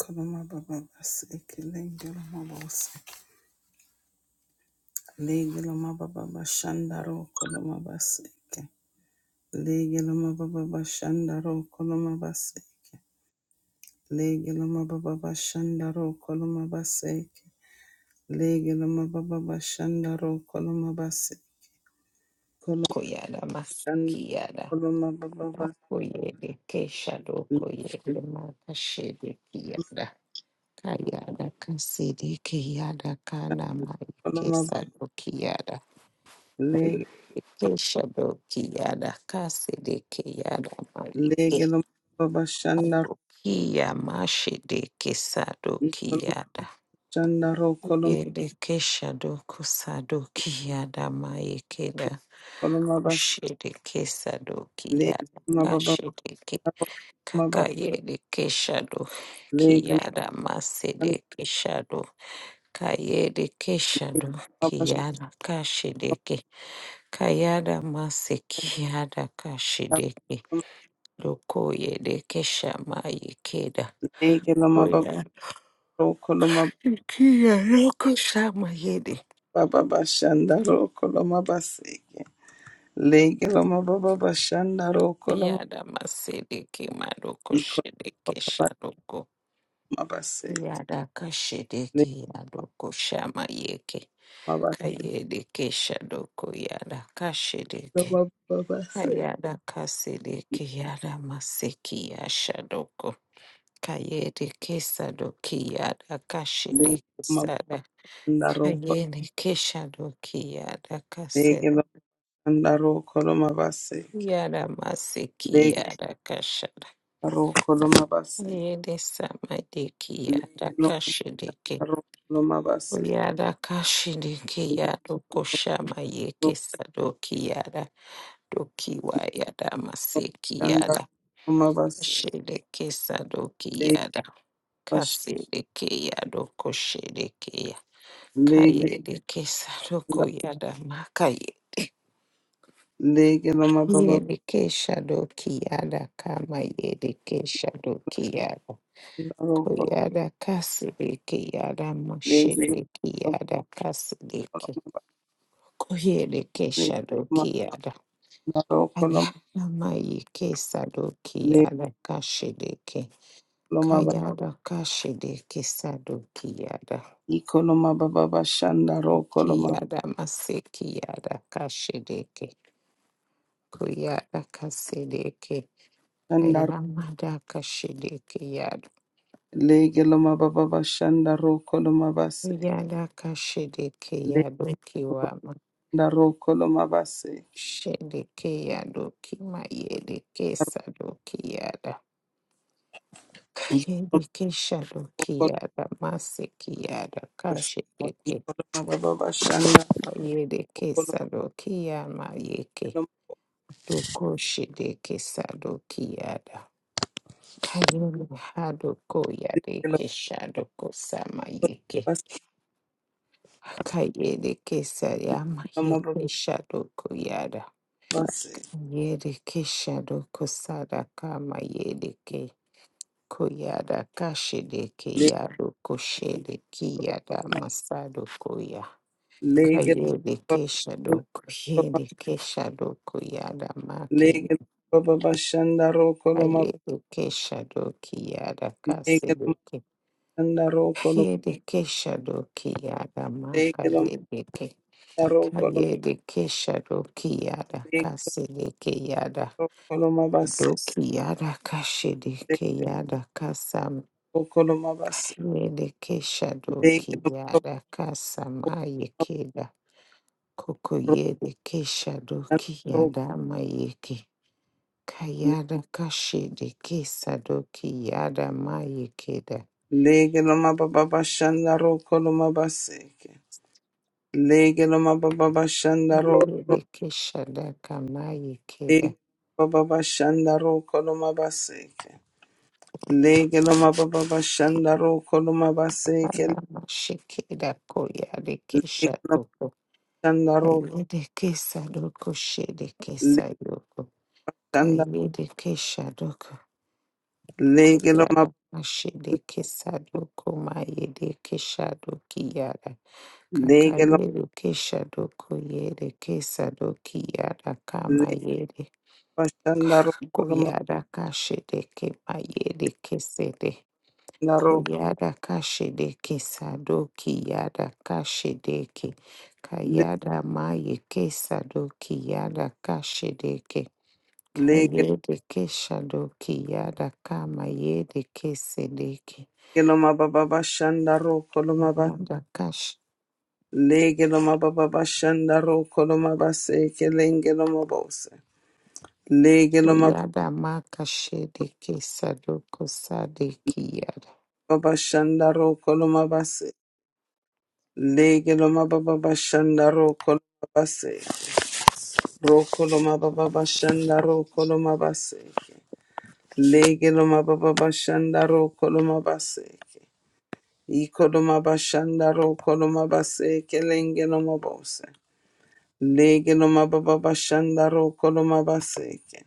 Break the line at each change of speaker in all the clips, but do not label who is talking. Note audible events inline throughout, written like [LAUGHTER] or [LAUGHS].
Koloma baba baseke lengelo mabose legelo mababa bashandaro koloma baseke legelo mababa bashandaro koloma baseke legelo mababa bashandaro koloma baseke legelo mababa bashandaro koloma baseke koloma
Koyada maskiada.
koloma baba basi
Koyede keshado koyede makashede kiyada. Kayada kasede kiyada kana mai
koloma
kesado kiyada. Keshado kiyada kasede kiyada mai
legelo mababa bashandaro
kesado kiya mashede kesado
koloma
kiyada.
bashandaro koloma
Yede keshado kusado kiyada mai keda.
koloma bas
Kushede kesado kiyada.
legelo mababa
Kakayede Keshado
Legal
Kiyada Masede Keshado Kayede Keshado Kiyada Kashideke Kayada Mase Kiyada Kashideke Lokoyede Keshama Yekeda
Legelo
Koya Kiyada Koshama Yede Kayada Masedeke Madoko Shedeke Shadoko Yada Kashideke Yadoko Shama Yeke Kayede keshadoko yada kashedeke. Kayada kasedeke yada maseki yashadoko. Kayede kesadoki yada kashedeke sada. Kayene keshadoki yada kasedo. Yada maseki yada kashada. Kayede samadeki yada kashedeke. Yada kashedeke yada koshama yeke sadoki yada. Doki wayada maseki yada shedeke sadoki yada maseki dokiwayada masekiyada shelekesadookiyada kaselekeyadokoshedekeya kayelekesadokoyada makaye
Lege loma baba
yelekeshadokiyada yada kama yedeke shadoki yada
roko
koyada kasedeke yada
lege
moshedeke
loma
yada kaselekeyada mashelekiyada
baba
kaseleke
loma lege loma
koyelekeshadokiyada
roko loma lege
ayanamayikesadokiyada kasheleke
loma baba
Kayada kashede kesado kiyada.
iko loma baba bashanda roko loma
Kiyada mase kiyada kashedeke. Kuyada kasedeke.
shanda
Kayamada kashedeke yado.
lege loma baba bashanda roko loma base
Kuyada kashedeke
lege
yado kiwama.
loma roko loma base
Shedeke yado kima yede kesado kiyada.
iko loma
Kayedeke shado
roko loma
kiyada mase kiyada
base
kashedeke.
iko loma baba bashanda
Kayedeke
roko loma
sado
base
kiyama yeke.
loma
Doko shide kesado kiada. Kayele hado koya de
lege loma
keshado kosama
baba
yeke.
base
Kayele kesayama
loma baba
yeke shado koyada.
base
Yede keshado kosada kama yede ke. Koyada kashide ke
lege
yado koshede kiyada masado koya.
lege
Kayede
loma
keshado
baba
koyede keshado koyada make
Lege baba bashanda roko loma
Ayedeke shadoki yada
lege loma
kasedeke.
shanda roko loma
Ayedeke shadoki yada
lege loma
makadedeke.
shanda roko loma
Ayedeke shadoki yada
lege
kasedeke yada.
roko loma base
Doki yada
lege
kashedeke yada kasam.
roko loma base
Ayedeke
lege
shadoki
loma baba
yada kasama yekeda. Koko yedeke shadoki
roko
yada mayeke. Kayada kashedeke sadoki yada mayekeda.
lege loma baba bashanda roko loma base lege loma baba bashanda roko loma
Yekeshada kama yekeda
lege baba bashanda roko loma base lege loma baba bashanda roko loma base lege
adama shekeda koya rekesha
loma
toko
shanda roko
kayede kesa doko shede kesa yoko kayede kesha doko
Legeloma
koyada mashede kesa doko mayede kesha doki yada
legeloma
kakayede kesha doko yede kesa doki yada kama yede
legeloma koloma
koyada kashede kema yede kesede
ndaro
Koyada kashedeke sadoki yada kashedeke. Kayada maye ke sadoki yada kashedeke.
legeloma
Kayede ke shadoki yada kama yede ke sedeke.
baba bashandaro koloma ba
Yada kash.
legeloma baba bashandaro koloma ba seke legeloma bose legeloma
Oyada ma kashedeke sadoko sadeki yada.
baba bashandaro koloma ba se legeloma baba bashandaro koloma ba se ro koloma baba bashandaro koloma ba seke legeloma baba bashandaro koloma ba seke Ikoloma bashandaro koloma base kelenge no mabose. Lege no mababa bashandaro koloma baseke.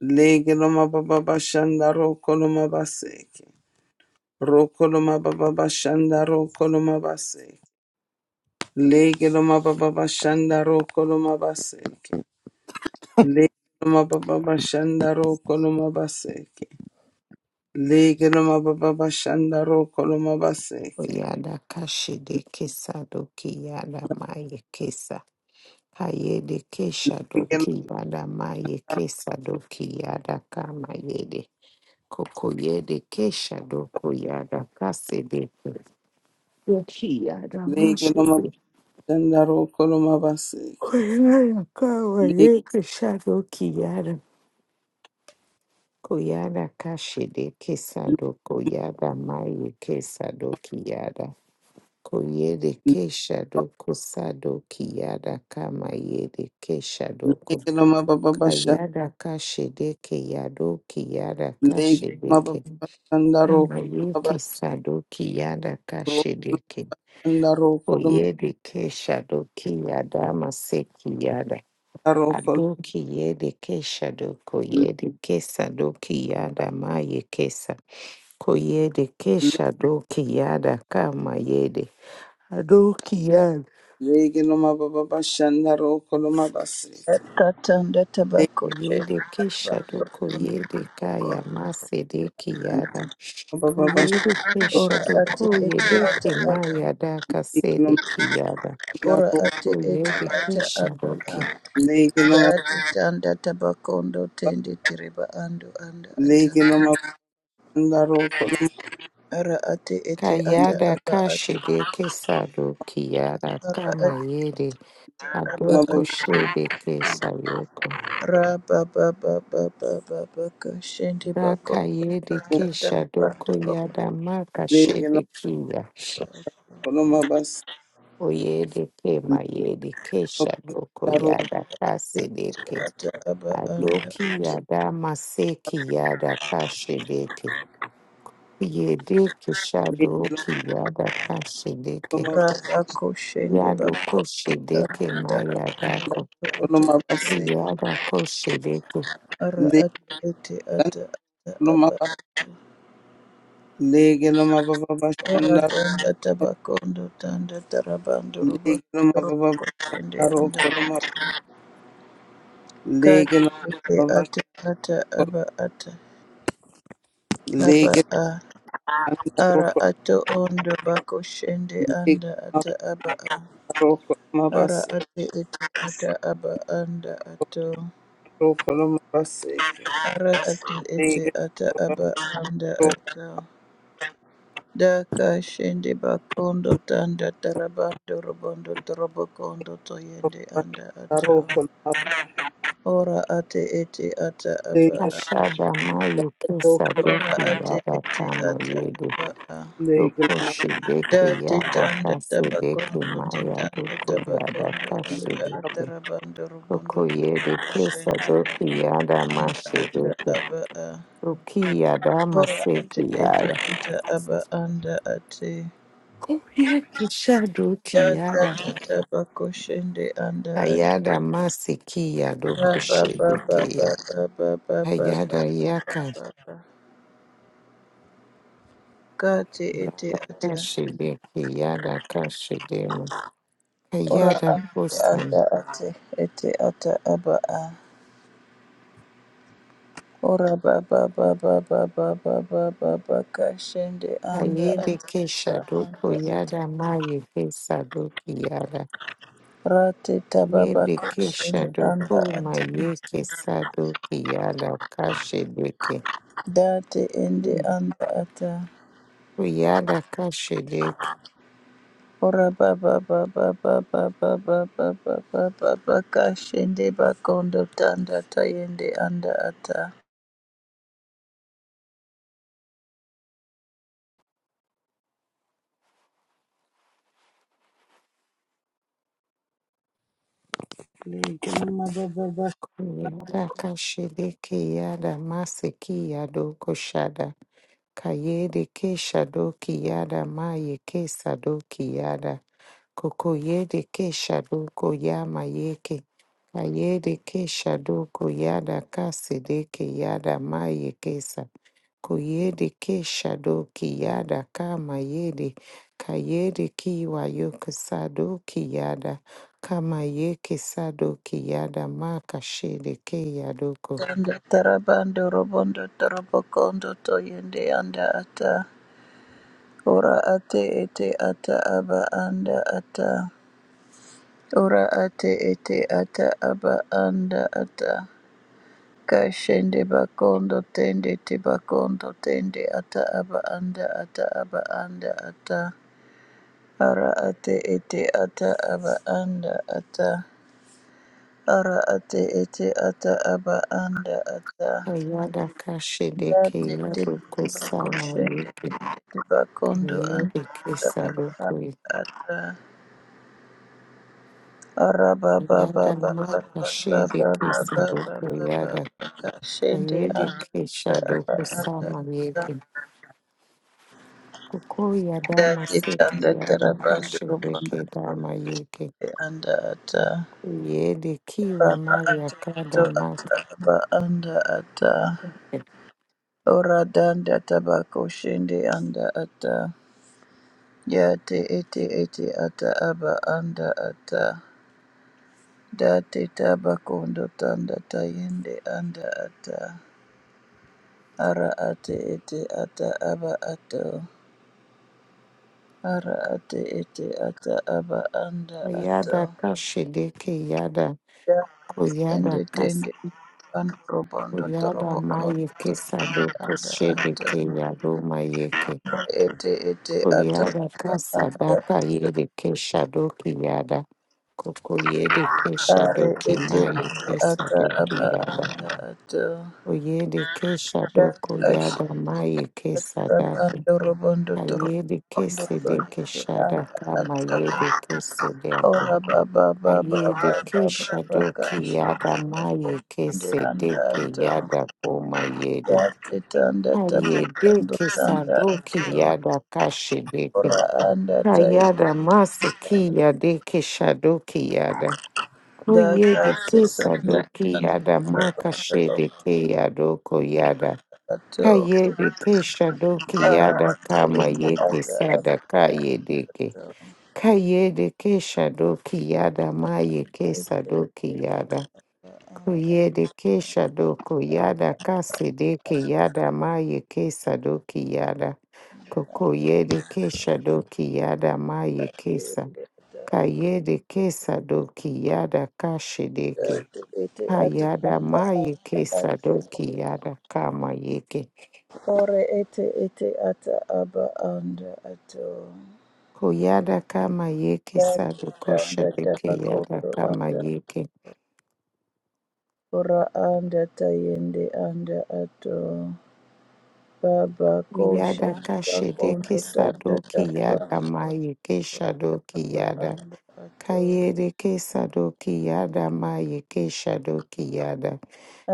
Lege no mababa bashandaro koloma baseke. Rokoloma baba bashandaro koloma baseke. Lege no mababa bashandaro koloma baseke. Lege no mababa bashandaro koloma baseke. Lege no mababa bashandaro koloma baseke.
Oyada kashedeke sadoki yada maye kesa. Kayede kesha doki yada maye kesa doki yada kama yede. Koko yede kesha doko yada kase deke. Doki yada
Lege no
mashebe.
Shandaro koloma baseke.
Koyada kama
Leg
yede kesha doki yada. Koyada kashe de kesa doko yada maye kesa doki yada. Koyede kesha doko sa doki yada kama yede kesha doko.
legeloma bababa shan
Kayada kashedeke yado kiyada
legeloma
kashedeke.
bababa shandaro koloma
Amayeke sado kiyada
basro
kashedeke.
shandaro koloma
Oyede ke shado kiyada mase kiyada.
daro kol
Ado kiyede ke shado koyede ke sado kiyada maye kesa. Koyede ke
le-
shado kiyada kama yede. Ado kiyada.
legeloma bababa shandaro koloma baseke.
Katanda tabako
Oyede
shenda
ke
abako
shado koyede kaya mase de
Legeloma
kiyada.
bababa shandaro
Koyede
ora
keshado
ate ete
koyede
ata
ke
aba
mayada kasede
legeloma
kiyada.
ora
daro
ate ete
Koyede
ata aba
keshado
a
ke
legeloma
dati tanda tabakondo tende tereba ando anda ata
legeloma shandaro koloma
ara ate ete ata
kayada
aba ate
kashide kesado kiyada
ara
kama
ate
yede
aba
legeloma
adoko
bababa
ate
shede kesayoko.
ra ba ba ba ba ba ba ba ka shende bako
Raka yede
ata
keshado
ata
koyada maka shede
legeloma
kiya.
koloma bas
Koyede ke mayede keshado
daro
koyada kasede ke.
ata aba
Adoki
anda
yada maseki yada kashede ke. Yedeke shado
legeloma
ki yada ka shedeke.
bababa
Rada koshende
Yado ko
bako
shedeke
tanda
maya dako.
oto
koloma baseke.
Yada ko shedeke.
ara ate ete ata ata
Loma
aba
lege loma baba
ora
bashanda
danda tabakondo tanda tarabando robo
lege loma baba
robo koshende
daro
anda
koloma lege
kati
loma
ete
baba
ata ata
shkol
aba ata aba
lege
a
shanda
ara
roko
ato ondo bako shende
lege
anda
loma
ata aba a
daro koloma bas
ara ate ete ata aba anda ato.
roko loma baseke
Ara atu ete
lege
ata
baba
aba anda
roko
ata. Daka shende bakondo tanda tarabando robondo torobokondo toyende anda
bashanda
ata.
roko loma
Ora ate ete ata aba
lege
a.
Ashada mayo kesa
roko
do
Ora
ki
ate
yada ka
ete ata
mayede.
aba a.
lege
Doko
loma
shedeke
Da te
yada ka
tanda
shedeke
tabakondo te
maya
tanda
doko yada
tabakondo
ka
anda atarabando
shedeke.
robondo
Doko yede
torobokondo
kesa
shende
do ki yada ma
anda ata
shedeke.
aba a.
Doki yada ma
Ora ate
seki
ete
yada.
ata aba anda ate.
Yeki shado ki
Da da
yada.
da anda ata
Ayada masikia
ba ba ba ba
dokushidikia.
ba ba ba ba
Ayada yaka
kati ete
brada
ata
kashidiki yada kashidimu.
ora
Ayada
ate
kusan
anda ati ete ata aba a ora ba ba ba ba ba ba ba ba ba ba kashende anda
Ayede
ati ba
kesha doku
anda ati
yada maye kesa doki yada.
rate tababa ba
Yede kesha
anda
doku
ati
maye kesa doki yada kashidiki.
date ende anda ata
Kuyada kashidiki.
Ora baba baba baba baba baba baba bakashende bakondo tanda tayende anda ata
lege loma baba
Kuyada kashidiki yada masiki yado Kayede ke shado kiyada ma ye ke sado kiyada. Koko yede ke shado koyama yeke. Kayede ke shado koyada kasede kiyada ma ye kesa. Koyede ke shado kiyada kama yede. Kayede kiwa yoke sado kiyada. Kama yeke sado kiyada ma kashede ke yadoko.
tanda tarabando robondo torobokondo toyende anda ata ora ate ete ata aba anda ata ora ate ete ata aba anda ata kashende bakondo tende te bakondo tende ata aba anda ata aba anda ata Ara ate ete ata aba anda ata. Ara ate ete ata aba anda ata.
Kayada kashede
Da
ke
te te
yadoko
bako
sama
shende
yeke.
te te bakondo anda
Kayebe
ata aba anda
Kesadoko
ata. Ara ba ba ba
Yada
ba ba
Maka
ba ba
Shebe
ba ba ba ba
Kesadoko
ba ba
Yada
ba shende
Kayebe
anda ata aba
Kesadoko
anda
Sama
ata.
Yeke Koko Yada
Da te tanda
Maseki Yada
tarabando
Kashebe
robondo robondo
Kedama Yeke
anda ata.
Yede Kiwa
Raba
Maria
atu atu
Kada Maka
ata aba anda ata. Ora danda tabako shindi anda ata. Ya te ete ete ata aba anda ata. date te tabako ndo tanda tayende anda ata. Ara ate ete ata aba ato. Ara ate ete ata aba anda ato.
Yada Kashedeke Yada
Da
Koyada
tende
Kas
tende. Androbo robondo
Koyada
toroboko
Maye
ndo
Kesadoko
anda
Shedeke
ato.
Yadoma Yeke
ete ete ata
Oyada
aba anda
Kasadaka Yede Keshadoki Yada Kokoye de ke
are
shadow ki
ete
mai
ete
ke
ata
sado
aba
kuyada.
anda ato
Oye de ke
da
shadow
ashi
koyada mai ke
aba
sadako.
torobondo
Kaye de ke
torobondo
sede ke
toyete anda
shadaka
ato
mayede ke sedeko.
ora baba baba
Kaye de ke
baba baba
shadow
gashi
kiyada mai ke
ende anda
sede ke
ato
yada ko maye de.
da tanda
mayede. de
tabando
ke
tanda
sado
ato
kiyada kashedeke.
ora anda tai
Kayada mase yade ke shadow kiyada.
da
Oye de
kasi
ke
sanda
sadoki
tanda
yada maka she
tabando
de ke yadoko yada.
ato
Kaye de ke shadoki
Ara
yada kama
ete
ye
ata
ke
aba
sada kaye de ke.
ato
Kaye de ke shadoki yada ma ye ke sadoki yada.
anda
Kuye de ke shadoko yada kasi deke yada ma ye ke sadoki yada. Koko ye de ke shadoki yada ma ye ke sa.
ete
Kaye de ke sadoki yada kashi deke
ate ete
Hayada
aba anda
mayeke
ato
sadoki yada kama yeke.
ore ete ete ata aba anda ato
Koyada kama yeke
dati
sadoko
anda
shadeke yada
tabakoto
kama
anda
yeke.
ora anda tayende anda ato baba kosha
Yada kashedeke
bakondo tanda
sadoki
taba
yada mayeke shadoki
aba
yada.
anda ato
Kayedeke sadoki yada mayeke shadoki yada.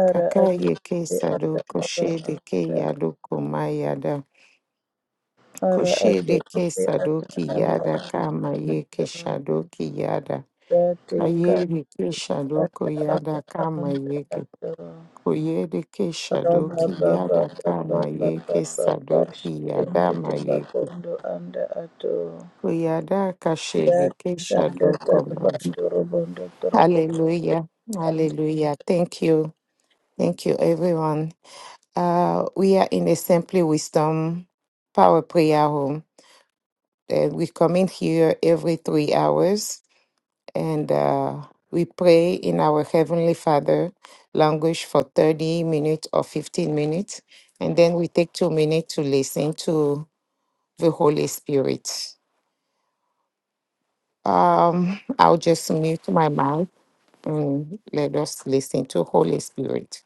ara ate
Kakayeke
ete ata
sadoko
aba
shedeke
anda
yadoko mayada.
أرأت
Koshedeke
أتأت
sadoki
أبا
yada
أنت
kama yeke
أترى
shadoki yada.
ذاتك
Kayede Keshado Koyada
أبا
Kama
أنت
Yeke
أترى
Koyede Keshado
Raba
Kiyada
baba
Kama
baba
Yeke
baba baba
Sadoki
shitende
Yadama Yeke
tebakondo anda ato
Koyada Kashede
ya tanda
Keshado Koma.
tarabando robondo torobo
Hallelujah.
anda.
Hallelujah. Thank you. Thank you everyone. Uh we are in a simply wisdom power prayer home. Uh, we come in here every three hours and uh, we pray in our Heavenly Father language for 30 minutes or 15 minutes, and then we take two minutes to listen to the Holy Spirit. Um, I'll just mute my mouth and let us listen to Holy Spirit.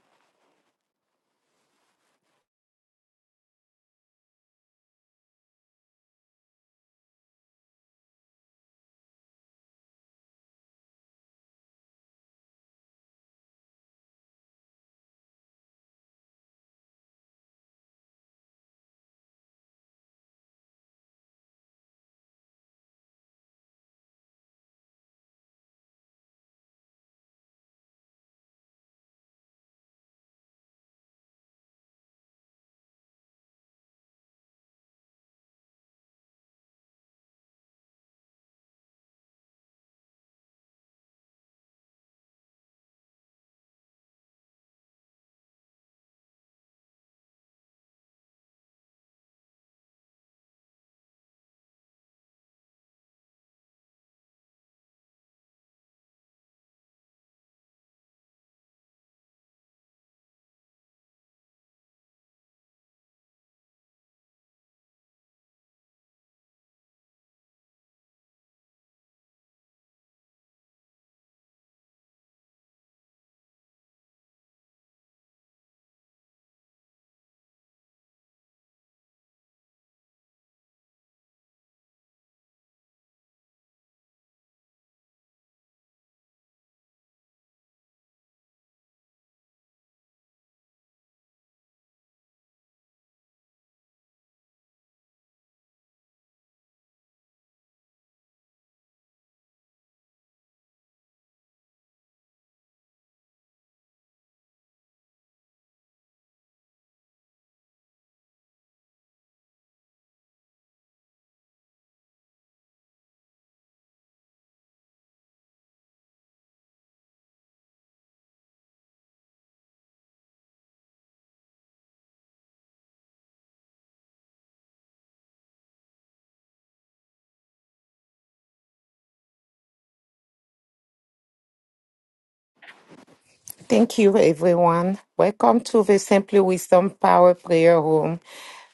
Thank you, everyone. Welcome to the Simply Wisdom Power Prayer Room.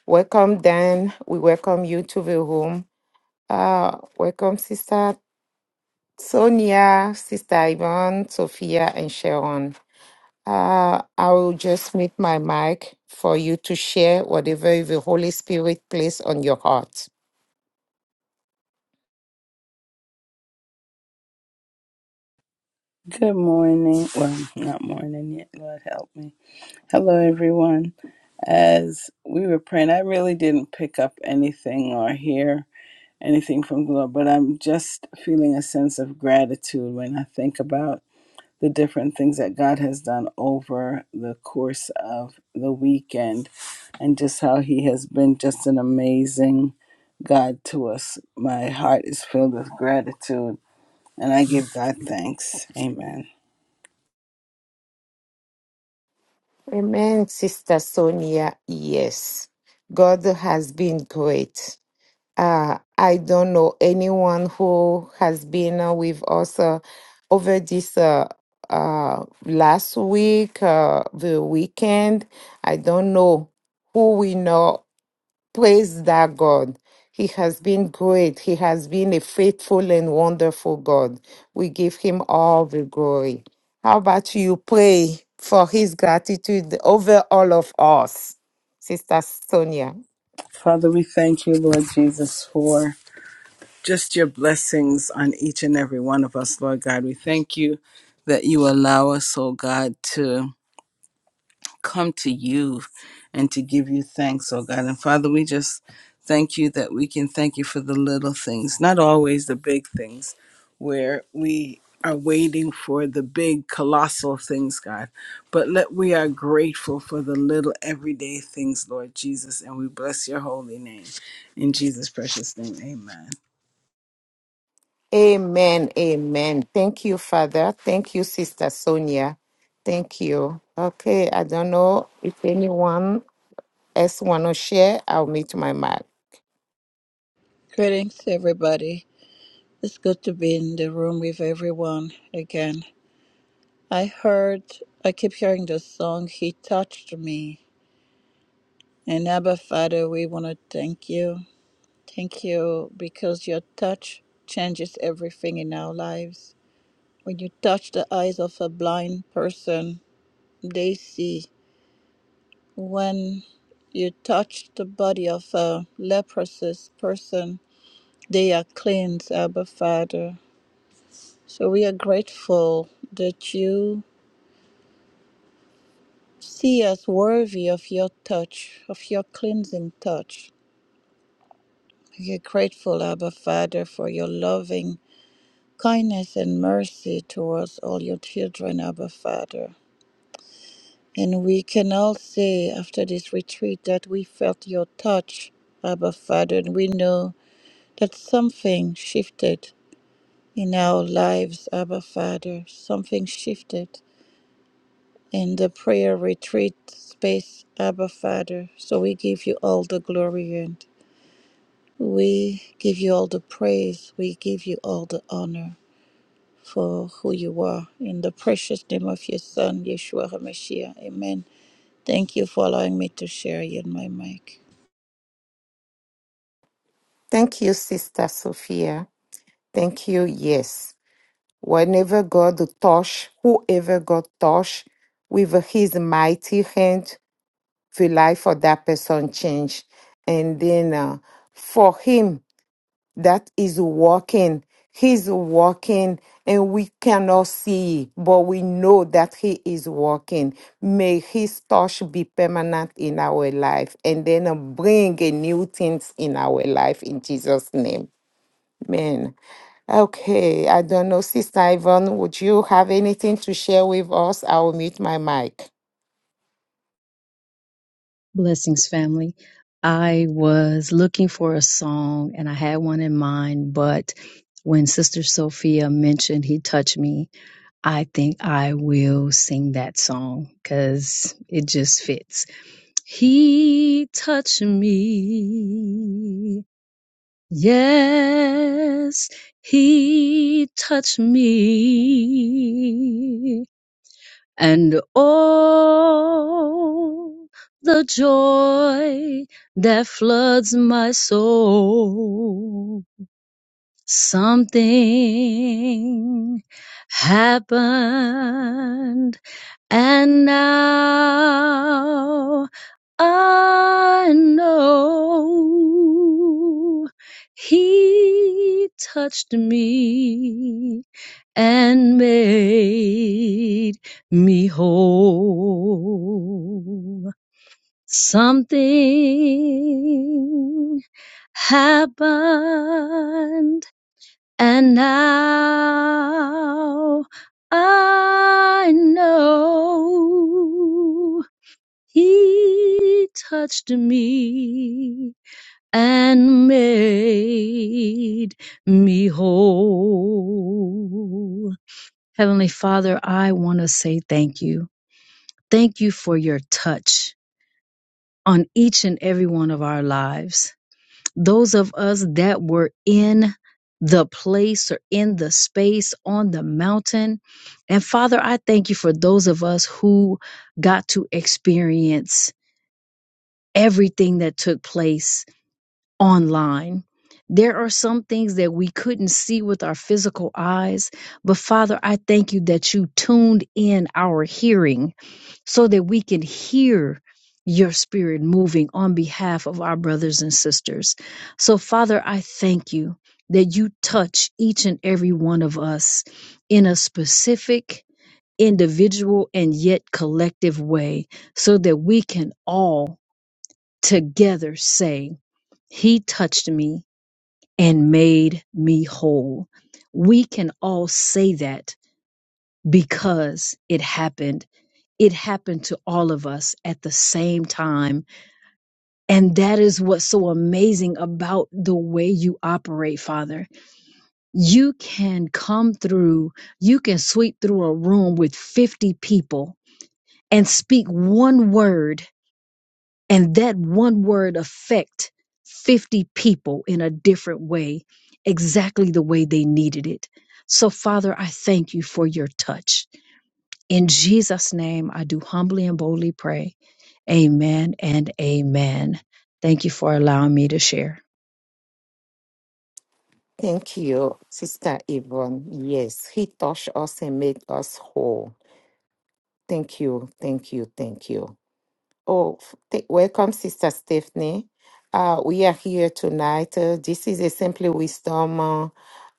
Welcome, Dan. We welcome you to the room. Uh, welcome, Sister Sonia, Sister Yvonne, Sophia, and Sharon. Uh, I will just mute my mic for you to share whatever the Holy Spirit placed on your heart.
Good morning. Well, not morning yet. Lord help me. Hello, everyone. As we were praying, I really didn't pick up anything or hear anything from the Lord, but I'm just feeling a sense of gratitude when I think about the different things that God has done over the course of the weekend and just how He has been just an amazing God to us. My heart is filled with gratitude, and I give God thanks. Amen.
Amen, Sister Sonia. Yes, God has been great. Uh, I don't know anyone who has been uh, with us uh, over this uh, uh, last week, uh, the weekend. I don't know who we know Praise that God. He has been great. He has been a faithful and wonderful God. We give him all the glory. How about you pray for his gratitude over all of us, Sister Sonia?
Father, we thank you, Lord Jesus, for. just your blessings on each and every one of us, Lord God. We thank you that you allow us, oh God, to come to you and to give you thanks, oh God. And Father, we just thank you that we can thank you for the little things, not always the big things, where we are waiting for the big colossal things god but let we are grateful for the little everyday things lord jesus and we bless your holy name in jesus precious name amen
Amen. Amen. Thank you, Father. Thank you, Sister Sonia. Thank you. Okay, I don't know if anyone else want to share. I'll meet my mark.
Greetings everybody. It's good to be in the room with everyone again. I heard I keep hearing the song He Touched Me And Abba Father, we want to thank you. Thank you because your touch changes everything in our lives. When you touch the eyes of a blind person, they see. When you touch the body of a leprous person, they are cleansed, Abba Father. So we are grateful that you see us worthy of your touch, of your cleansing touch. We are grateful, Abba Father, for your loving kindness and mercy towards all your children, Abba Father. And we can all say after this retreat that we felt your touch, Abba Father, and we know that something shifted in our lives, Abba Father. Something shifted in the prayer retreat space, Abba Father. So we give you all the glory and we give you all the praise. We give you all the honor. for who you are. In the precious name of your Son, Yeshua HaMashiach. Amen. Thank you for allowing me to share you in my mic.
Thank you, Sister Sophia. Thank you. Yes. Whenever God touch, whoever God touch with his mighty hand, the life of that person change. And then uh, for him, that is walking. He's walking and we cannot see, but we know that he is walking. May his touch be permanent in our life and then uh, bring a new things in our life in Jesus' name. Amen. Okay, I don't know, Sister Yvonne, would you have anything to share with us? I will mute my mic.
Blessings, family. I was looking for a song and I had one in mind, but when Sister Sophia mentioned He Touched Me, I think I will sing that song because it just fits. He touched me. Yes, He touched me and oh, the joy that floods my soul. Something happened, and now I know He touched me and made me whole. Something happened and now I know he touched me and made me whole. Heavenly Father, I want to say thank you. Thank you for your touch on each and every one of our lives. Those of us that were in the place or in the space on the mountain. And Father, I thank you for those of us who got to experience everything that took place online. There are some things that we couldn't see with our physical eyes, but Father, I thank you that you tuned in our hearing so that we can hear your spirit moving on behalf of our brothers and sisters. So, Father, I thank you that you touch each and every one of us in a specific, individual, and yet collective way, so that we can all together say, He touched me and made me whole. We can all say that because it happened it happened to all of us at the same time. And that is what's so amazing about the way you operate, Father. You can come through, you can sweep through a room with 50 people and speak one word, and that one word affect 50 people in a different way, exactly the way they needed it. So, Father, I thank you for your touch. In Jesus' name, I do humbly and boldly pray. Amen and amen. Thank you for allowing me to share.
Thank you, Sister Yvonne. Yes, He touched us and made us whole. Thank you, thank you, thank you. Oh, f- th- welcome, Sister Stephanie. Uh, we are here tonight. Uh, this is a Simply Wisdom uh,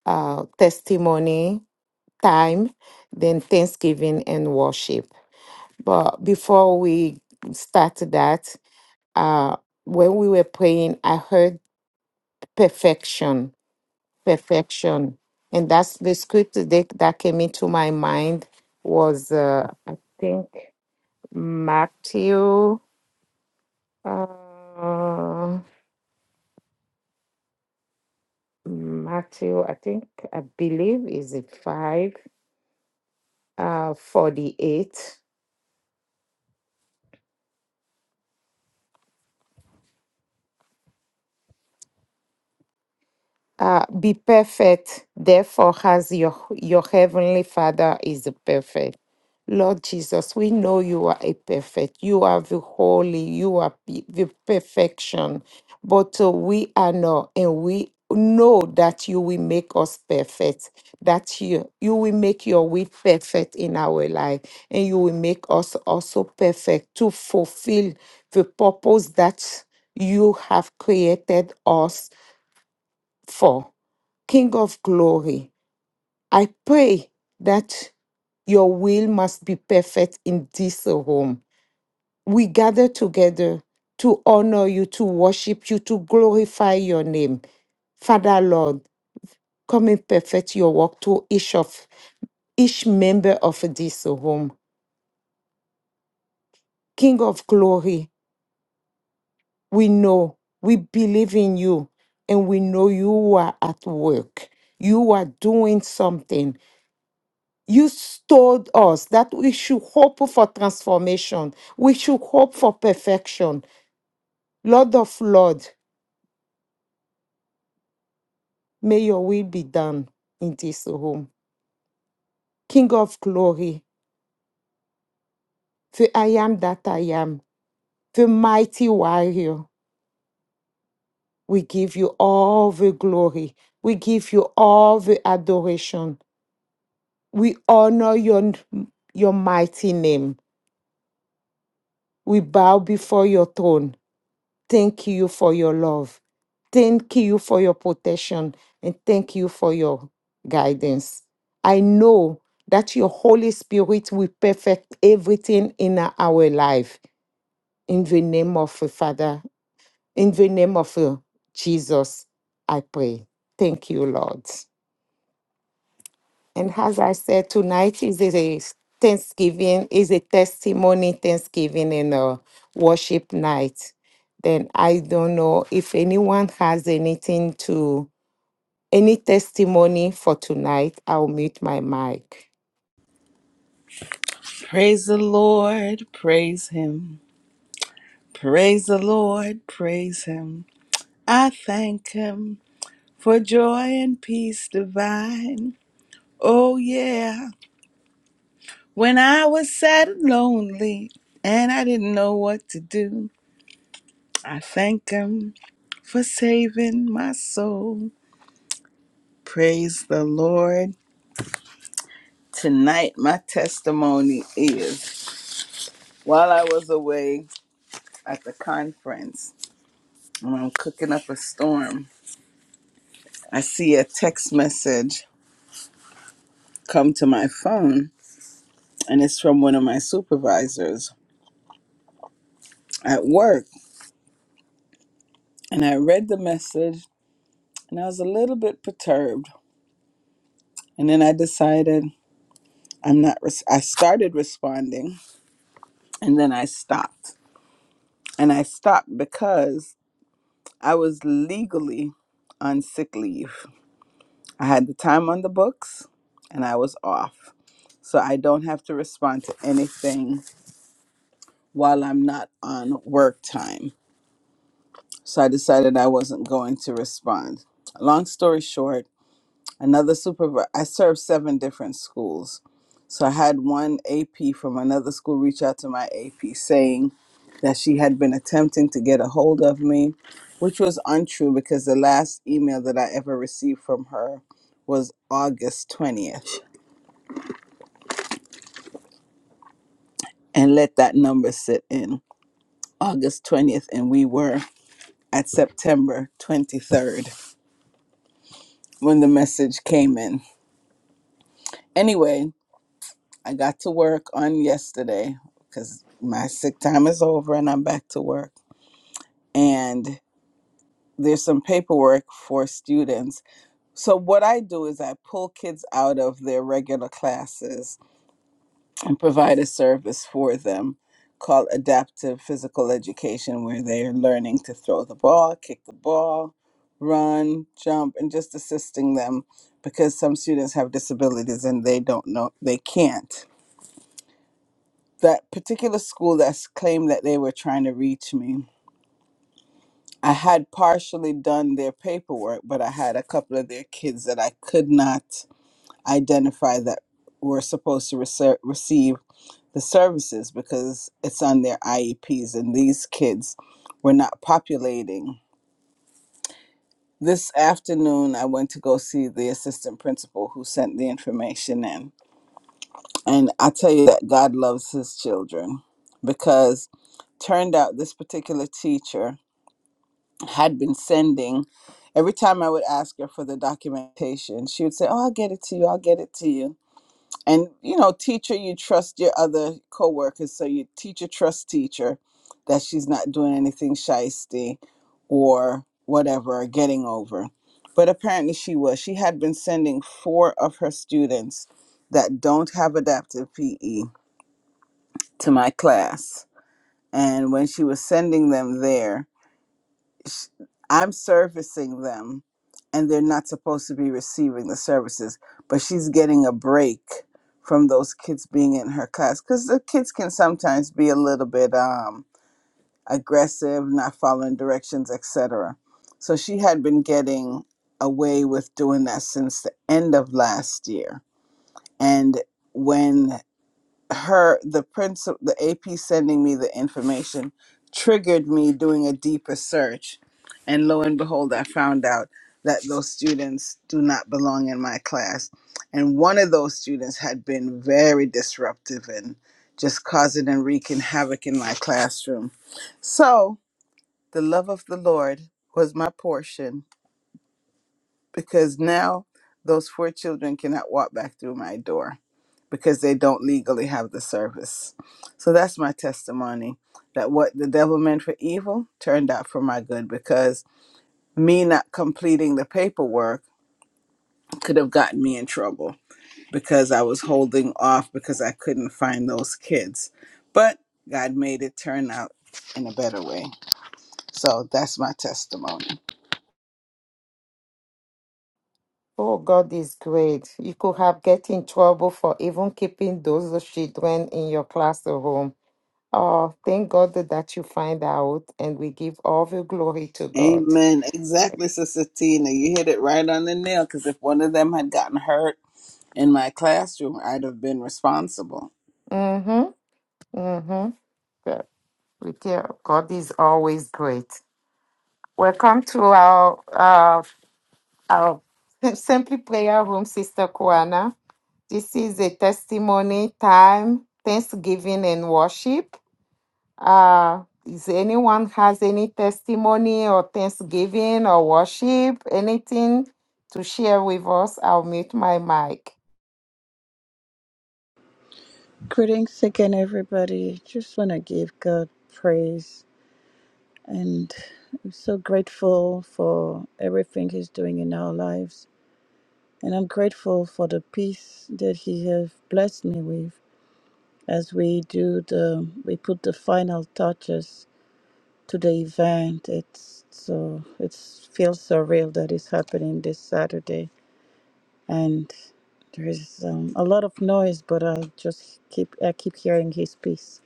uh, testimony time, then Thanksgiving and worship. But before we start that, uh, when we were praying, I heard perfection, perfection, and that's the scripture that, that came into my mind was uh, I think Matthew, uh, Matthew, I think I believe is it five uh, forty eight. Uh, be perfect, therefore, as your, your heavenly Father is perfect. Lord Jesus, we know you are a perfect. You are the holy. You are pe- the perfection. But uh, we are not, and we know that you will make us perfect. That you you will make your will perfect in our life, and you will make us also perfect to fulfill the purpose that you have created us for King of glory, I pray that your will must be perfect in this home. We gather together to honor you, to worship you, to glorify your name. Father Lord, come and perfect your work to each of each member of this home. King of glory, we know, we believe in you, and we know you are at work. You are doing something. you told us that we should hope for transformation. We should hope for perfection. Lord of Lord, may your will be done in this home. King of glory, the I am that I am, the mighty warrior, we give you all the glory. We give you all the adoration. We honor your, your mighty name. We bow before your throne Thank you for your love. Thank you for your protection. And thank you for your guidance. I know that your Holy Spirit will perfect everything in our life. In the name of the Father, in the name of uh, Jesus, I pray. Thank you, Lord. And as I said, tonight is a Thanksgiving, is a testimony Thanksgiving and a worship night. Then I don't know if anyone has anything to, any testimony for tonight. I'll mute my mic.
Praise the Lord, praise Him. Praise the Lord, praise Him. I thank Him for joy and peace divine. Oh, yeah. When I was sad and lonely and I didn't know what to do, I thank Him for saving my soul. Praise the Lord. Tonight, my testimony is while I was away at the conference, and I'm cooking up a storm. I see a text message come to my phone, and it's from one of my supervisors at work. And I read the message, and I was a little bit perturbed. And then I decided I'm not. Res- I started responding, and then I stopped. And I stopped because I was legally on sick leave. I had the time on the books, and I was off. So I don't have to respond to anything while I'm not on work time. so I decided I wasn't going to respond. Long story short, another supervisor, I served seven different schools. So I had one AP from another school reach out to my AP saying that she had been attempting to get a hold of me, which was untrue because the last email that I ever received from her was August 20th. And let that number sit in August 20th, and we were at September 23rd when the message came in. Anyway, I got to work on yesterday because my sick time is over and I'm back to work. And there's some paperwork for students. So, what I do is I pull kids out of their regular classes and provide a service for them called adaptive physical education, where they're learning to throw the ball, kick the ball, run, jump, and just assisting them because some students have disabilities and they don't know, they can't. that particular school that's claimed that they were trying to reach me i had partially done their paperwork but i had a couple of their kids that i could not identify that were supposed to rece- receive the services because it's on their ieps and these kids were not populating this afternoon i went to go see the assistant principal who sent the information in and i tell you that god loves his children because turned out this particular teacher had been sending, every time I would ask her for the documentation, she would say, "Oh, I'll get it to you. I'll get it to you." And you know, teacher, you trust your other coworkers, so you teacher trust teacher that she's not doing anything shisty or whatever, or getting over. But apparently, she was. She had been sending four of her students that don't have adaptive PE to my class, and when she was sending them there, sh- I'm servicing them and they're not supposed to be receiving the services, but she's getting a break from those kids being in her class because the kids can sometimes be a little bit um, aggressive, not following directions, etc. So she had been getting away with doing that since the end of last year. And when her the principal the AP sending me the information triggered me doing a deeper search and lo and behold I found out that those students do not belong in my class and one of those students had been very disruptive and just causing and wreaking havoc in my classroom so the love of the Lord was my portion because now those four children cannot walk back through my door because they don't legally have the service. So that's my testimony that what the devil meant for evil turned out for my good because me not completing the paperwork could have gotten me in trouble because I was holding off because I couldn't find those kids. But God made it turn out in a better way. So that's my testimony.
Oh, God is great. You could have get in trouble for even keeping those children in your classroom. Oh, thank God that you find out, and we give all the glory to God.
Amen. Exactly, Sister Tina. You hit it right on the nail because if one of them had gotten hurt, in my classroom, I'd have been responsible.
Mm-hmm. Mm-hmm. We care of God is always great. Welcome to our uh, our [LAUGHS] Simply Prayer Room, Sister Kuana. This is a testimony time, Thanksgiving and worship. Uh, is anyone has any testimony or Thanksgiving or worship, anything to share with us? I'll mute my mic.
Greetings again, everybody. Just want to give God praise and I'm so grateful for everything He's doing in our lives. And I'm grateful for the peace that He has blessed me with as we do the, we put the final touches to the event. It's so it feels surreal that it's happening this Saturday, and there is um, a lot of noise, but I just keep I keep hearing his peace.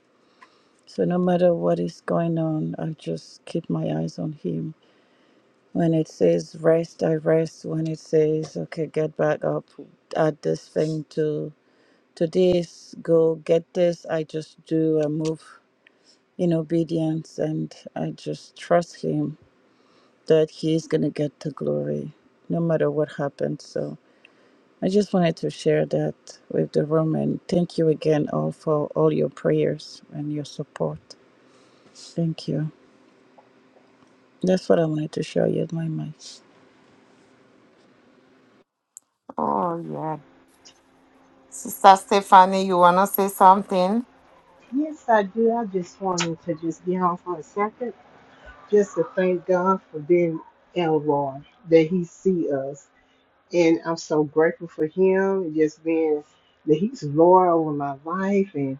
So no matter what is going on, I just keep my eyes on him. When it says rest, I rest. When it says okay, get back up, add this thing to to this, go get this. I just do. I move in obedience, and I just trust him that He's going to get the glory no matter what happens. So I just wanted to share that with the room and thank you again all for all your prayers and your support. Thank you. That's what I wanted to share. with my mic.
Oh yeah, Sister Stephanie, you wanna say something?
Yes, I do. I just wanted to just get on for a second, just to thank God for being Elroy, that He see us, and I'm so grateful for Him, and just being that He's Lord over my life, and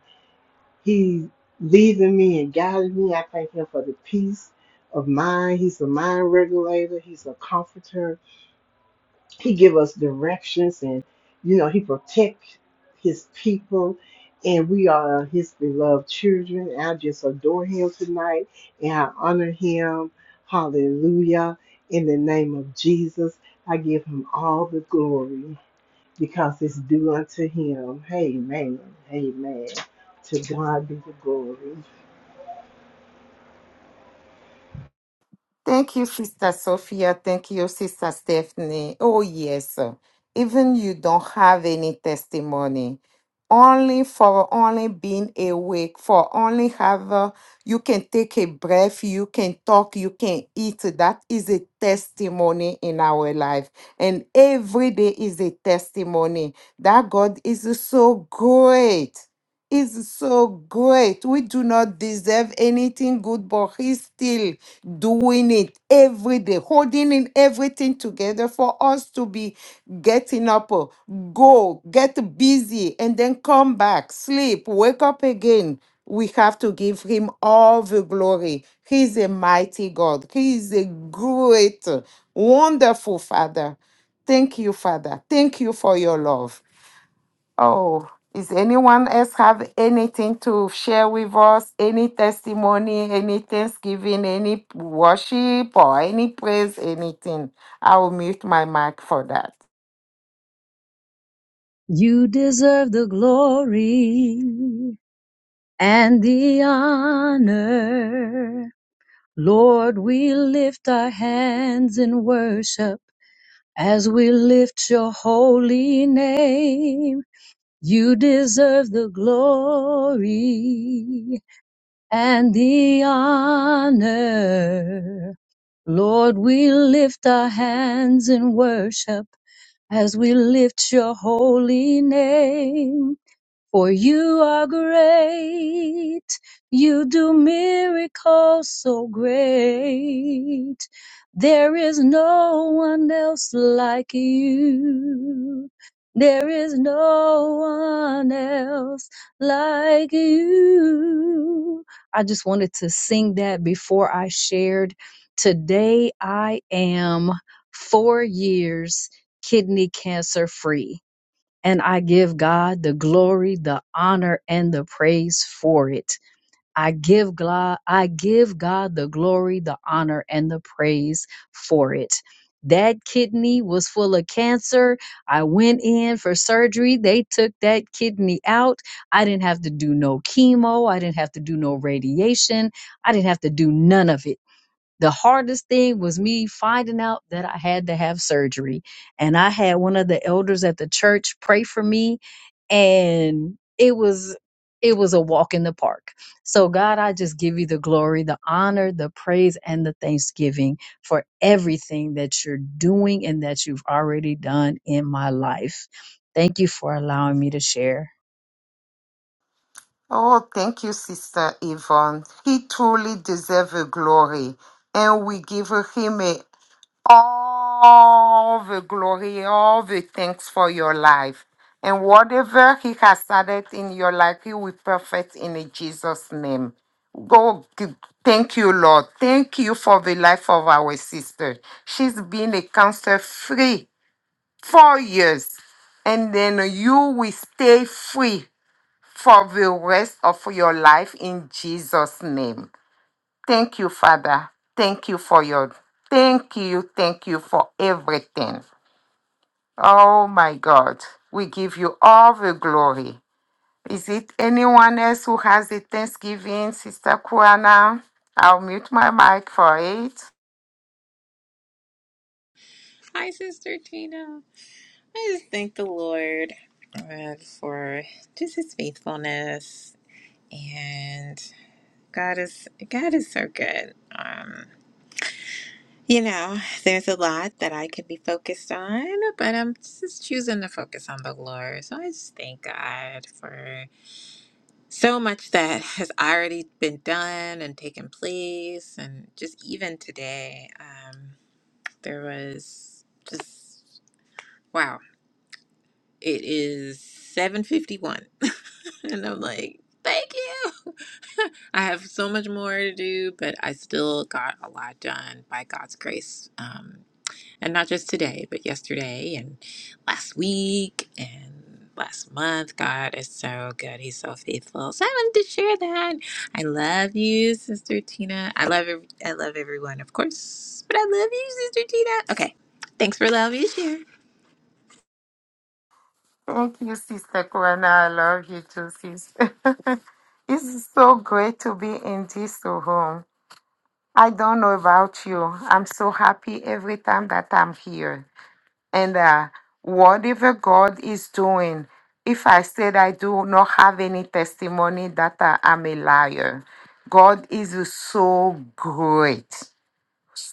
He leading me and guiding me. I thank Him for the peace of mind. He's a mind regulator. He's a comforter. He give us directions and you know, he protect his people and we are his beloved children. I just adore him tonight and I honor him. Hallelujah. In the name of Jesus, I give him all the glory because it's due unto him. Amen. Amen. To God be the glory.
Thank you, Sister Sophia. Thank you, Sister Stephanie. Oh, yes. Even you don't have any testimony. Only for only being awake, for only have uh, you can take a breath, you can talk, you can eat. That is a testimony in our life. And every day is a testimony that God is so great is so great. We do not deserve anything good, but He's still doing it every day, holding in everything together for us to be getting up, uh, go, get busy, and then come back, sleep, wake up again. We have to give Him all the glory. He's a mighty God. He is a great, uh, wonderful Father. Thank you, Father. Thank you for your love. Oh, is anyone else have anything to share with us? Any testimony, any thanksgiving, any worship, or any praise, anything? I will mute my mic for that.
You deserve the glory and the honor. Lord, we lift our hands in worship as we lift your holy name. You deserve the glory and the honor. Lord, we lift our hands in worship as we lift your holy name. For you are great. You do miracles so great. There is no one else like you. There is no one else like you. I just wanted to sing that before I shared. Today I am four years kidney cancer free and I give God the glory, the honor, and the praise for it. I give God, I give God the glory, the honor, and the praise for it. That kidney was full of cancer. I went in for surgery. They took that kidney out. I didn't have to do no chemo. I didn't have to do no radiation. I didn't have to do none of it the hardest thing was me finding out that I had to have surgery. And I had one of the elders at the church pray for me and it was it was a walk in the park. So God, I just give you the glory, the honor, the praise and the thanksgiving for everything that you're doing and that you've already done in my life. Thank you for allowing me to share.
Oh, thank you, Sister Yvonne. He truly deserves the glory, and we give him a all the glory, all the thanks for your life. And whatever He has started in your life, He will perfect in Jesus' name. Go, g- thank you, Lord. Thank you for the life of our sister. She's been a cancer free four years, and then you will stay free for the rest of your life in Jesus' name. Thank you, Father. Thank you for your, thank you, thank you for everything. Oh my God, we give you all the glory. Is it anyone else who has a Thanksgiving, Sister Kuana? I'll mute my mic for it.
Hi, Sister Tina. I just thank the Lord uh, for just His faithfulness, and God is God is so good. Um, you know, there's a lot that I could be focused on, but I'm just choosing to focus on the Lord. So I just thank God for so much that has already been done and taken place, and just even today, um, there was just. wow. It is 7:51 [LAUGHS] and I'm like, "Thank you. [LAUGHS] I have so much more to do, but I still got a lot done by God's grace. Um and not just today, but yesterday and last week and last month. God is so good. He's so faithful. So I wanted to share that. I love you, Sister Tina. I love ev- I love everyone, of course, but I love you, Sister Tina. Okay. Thanks for allowing me to share.
Thank you, Sister Kuana. I love you too, sister. [LAUGHS] it's so great to be in this room. I don't know about you. I'm so happy every time that I'm here. And uh, whatever God is doing, if I said I do not have any testimony that I am a liar, God is so great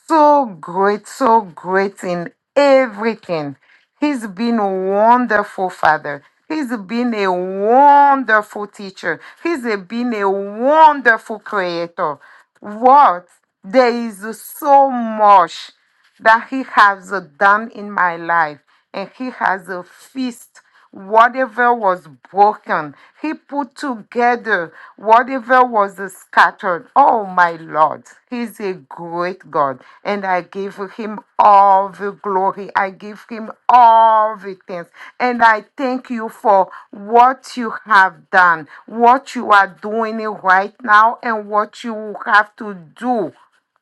so great, so great in everything. He's been a wonderful father. He's been a wonderful teacher. He's a- been a wonderful creator. What? There is so much that he has done in my life and he has a feast whatever was broken he put together whatever was scattered oh my lord he's a great god and i give him all the glory i give him all the things and i thank you for what you have done what you are doing right now and what you will have to do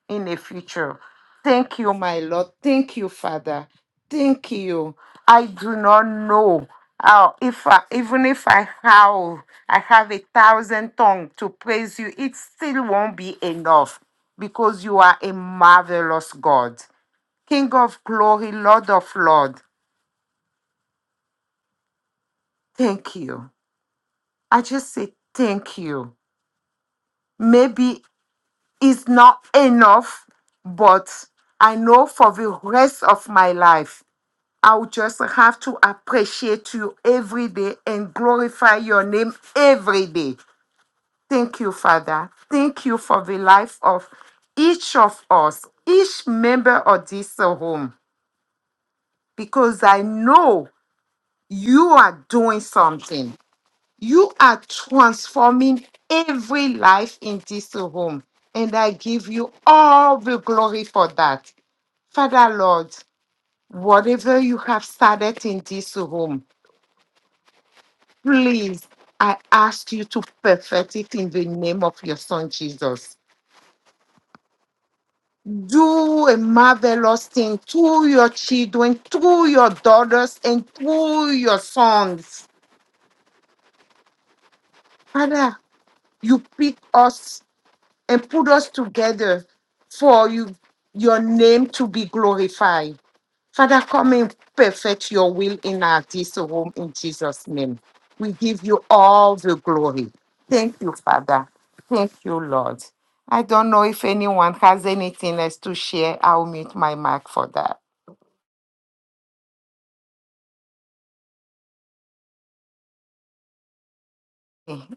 in the future. Thank you, my Lord. Thank you, Father. Thank you. I do not know how, if I, even if I howl, I have a thousand tongues to praise you, it still won't be enough because you are a marvelous God. King of glory, Lord of Lord, thank you. I just say thank you. Maybe it's not enough, but I know for the rest of my life I will just have to appreciate you every day and glorify your name every day. Thank you, Father. Thank you for the life of each of us, each member of this uh, home, because I know you are doing something. You are transforming every life in this uh, home. And I give you all the glory for that. Father, Lord, whatever you have started in this home, Please, I ask you to perfect it in the name of your son Jesus. Do a marvelous thing to your children, to your daughters, and to your sons. Father, you pick us and put us together for you, your name to be glorified. Father, come and perfect your will in our this home in Jesus' name. We give you all the glory. Thank you, Father. Thank you, Lord. I don't know if anyone has anything else to share. I'll mute my mic for that.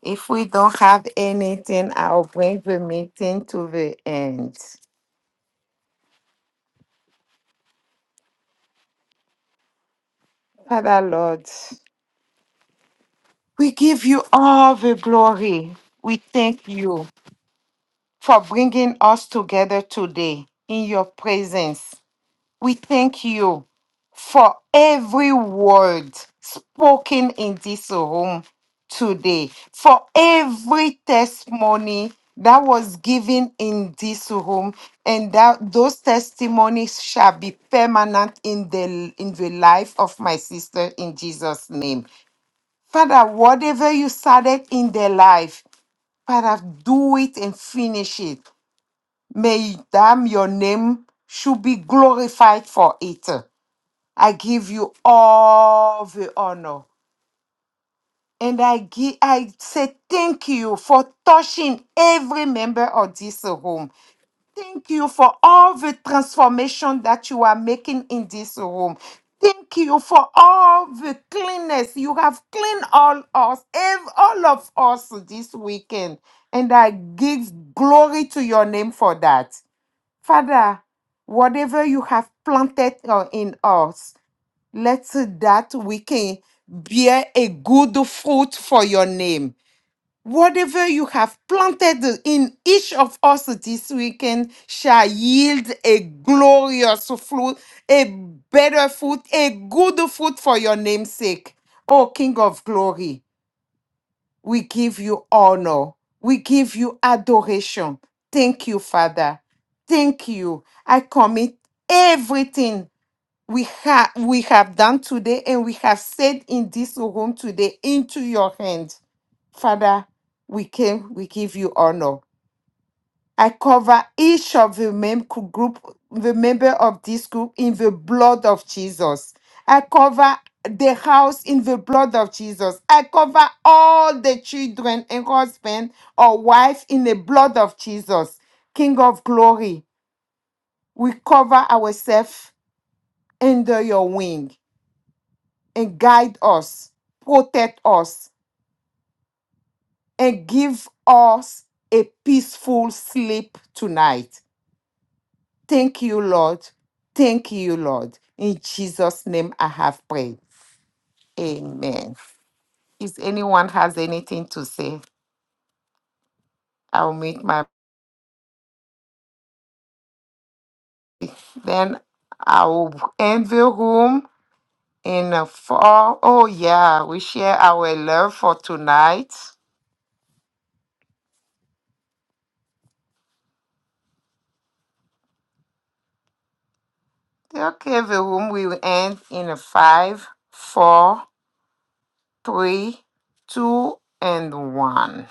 If we don't have anything, I'll bring the meeting to the end. Father, Lord, we give you all the glory. We thank you for bringing us together today in your presence. We thank you for every word spoken in this room today, for every testimony that was given in this room, and that those testimonies shall be permanent in the in the life of my sister in Jesus' name. Father, whatever you started in their life, Father, do it and finish it. May damn your name should be glorified for it. I give you all the honor. And I give, I say thank you for touching every member of this room. Thank you for all the transformation that you are making in this room. Thank you for all the cleanness you have cleaned all us, ev- all of us this weekend. And I give glory to your name for that. Father, whatever you have planted uh, in us. Let that we can bear a good fruit for your name. Whatever you have planted in each of us this weekend shall yield a glorious fruit, a better fruit, a good fruit for your name's sake. O King of glory, we give you honor. We give you adoration. Thank you, Father. Thank you. I commit everything we have we have done today and we have said in this room today into your hand father we came we give you honor i cover each of the mem- group the member of this group in the blood of jesus i cover the house in the blood of jesus i cover all the children and husband or wife in the blood of jesus king of glory we cover ourselves under your wing and guide us, protect us, and give us a peaceful sleep tonight. Thank you, Lord. Thank you, Lord. In Jesus' name I have prayed. Amen. If anyone has anything to say, I'll make my then I will end the room in a four. Oh yeah, we share our love for tonight. Okay, the room will end in a five, four. three, two, and one.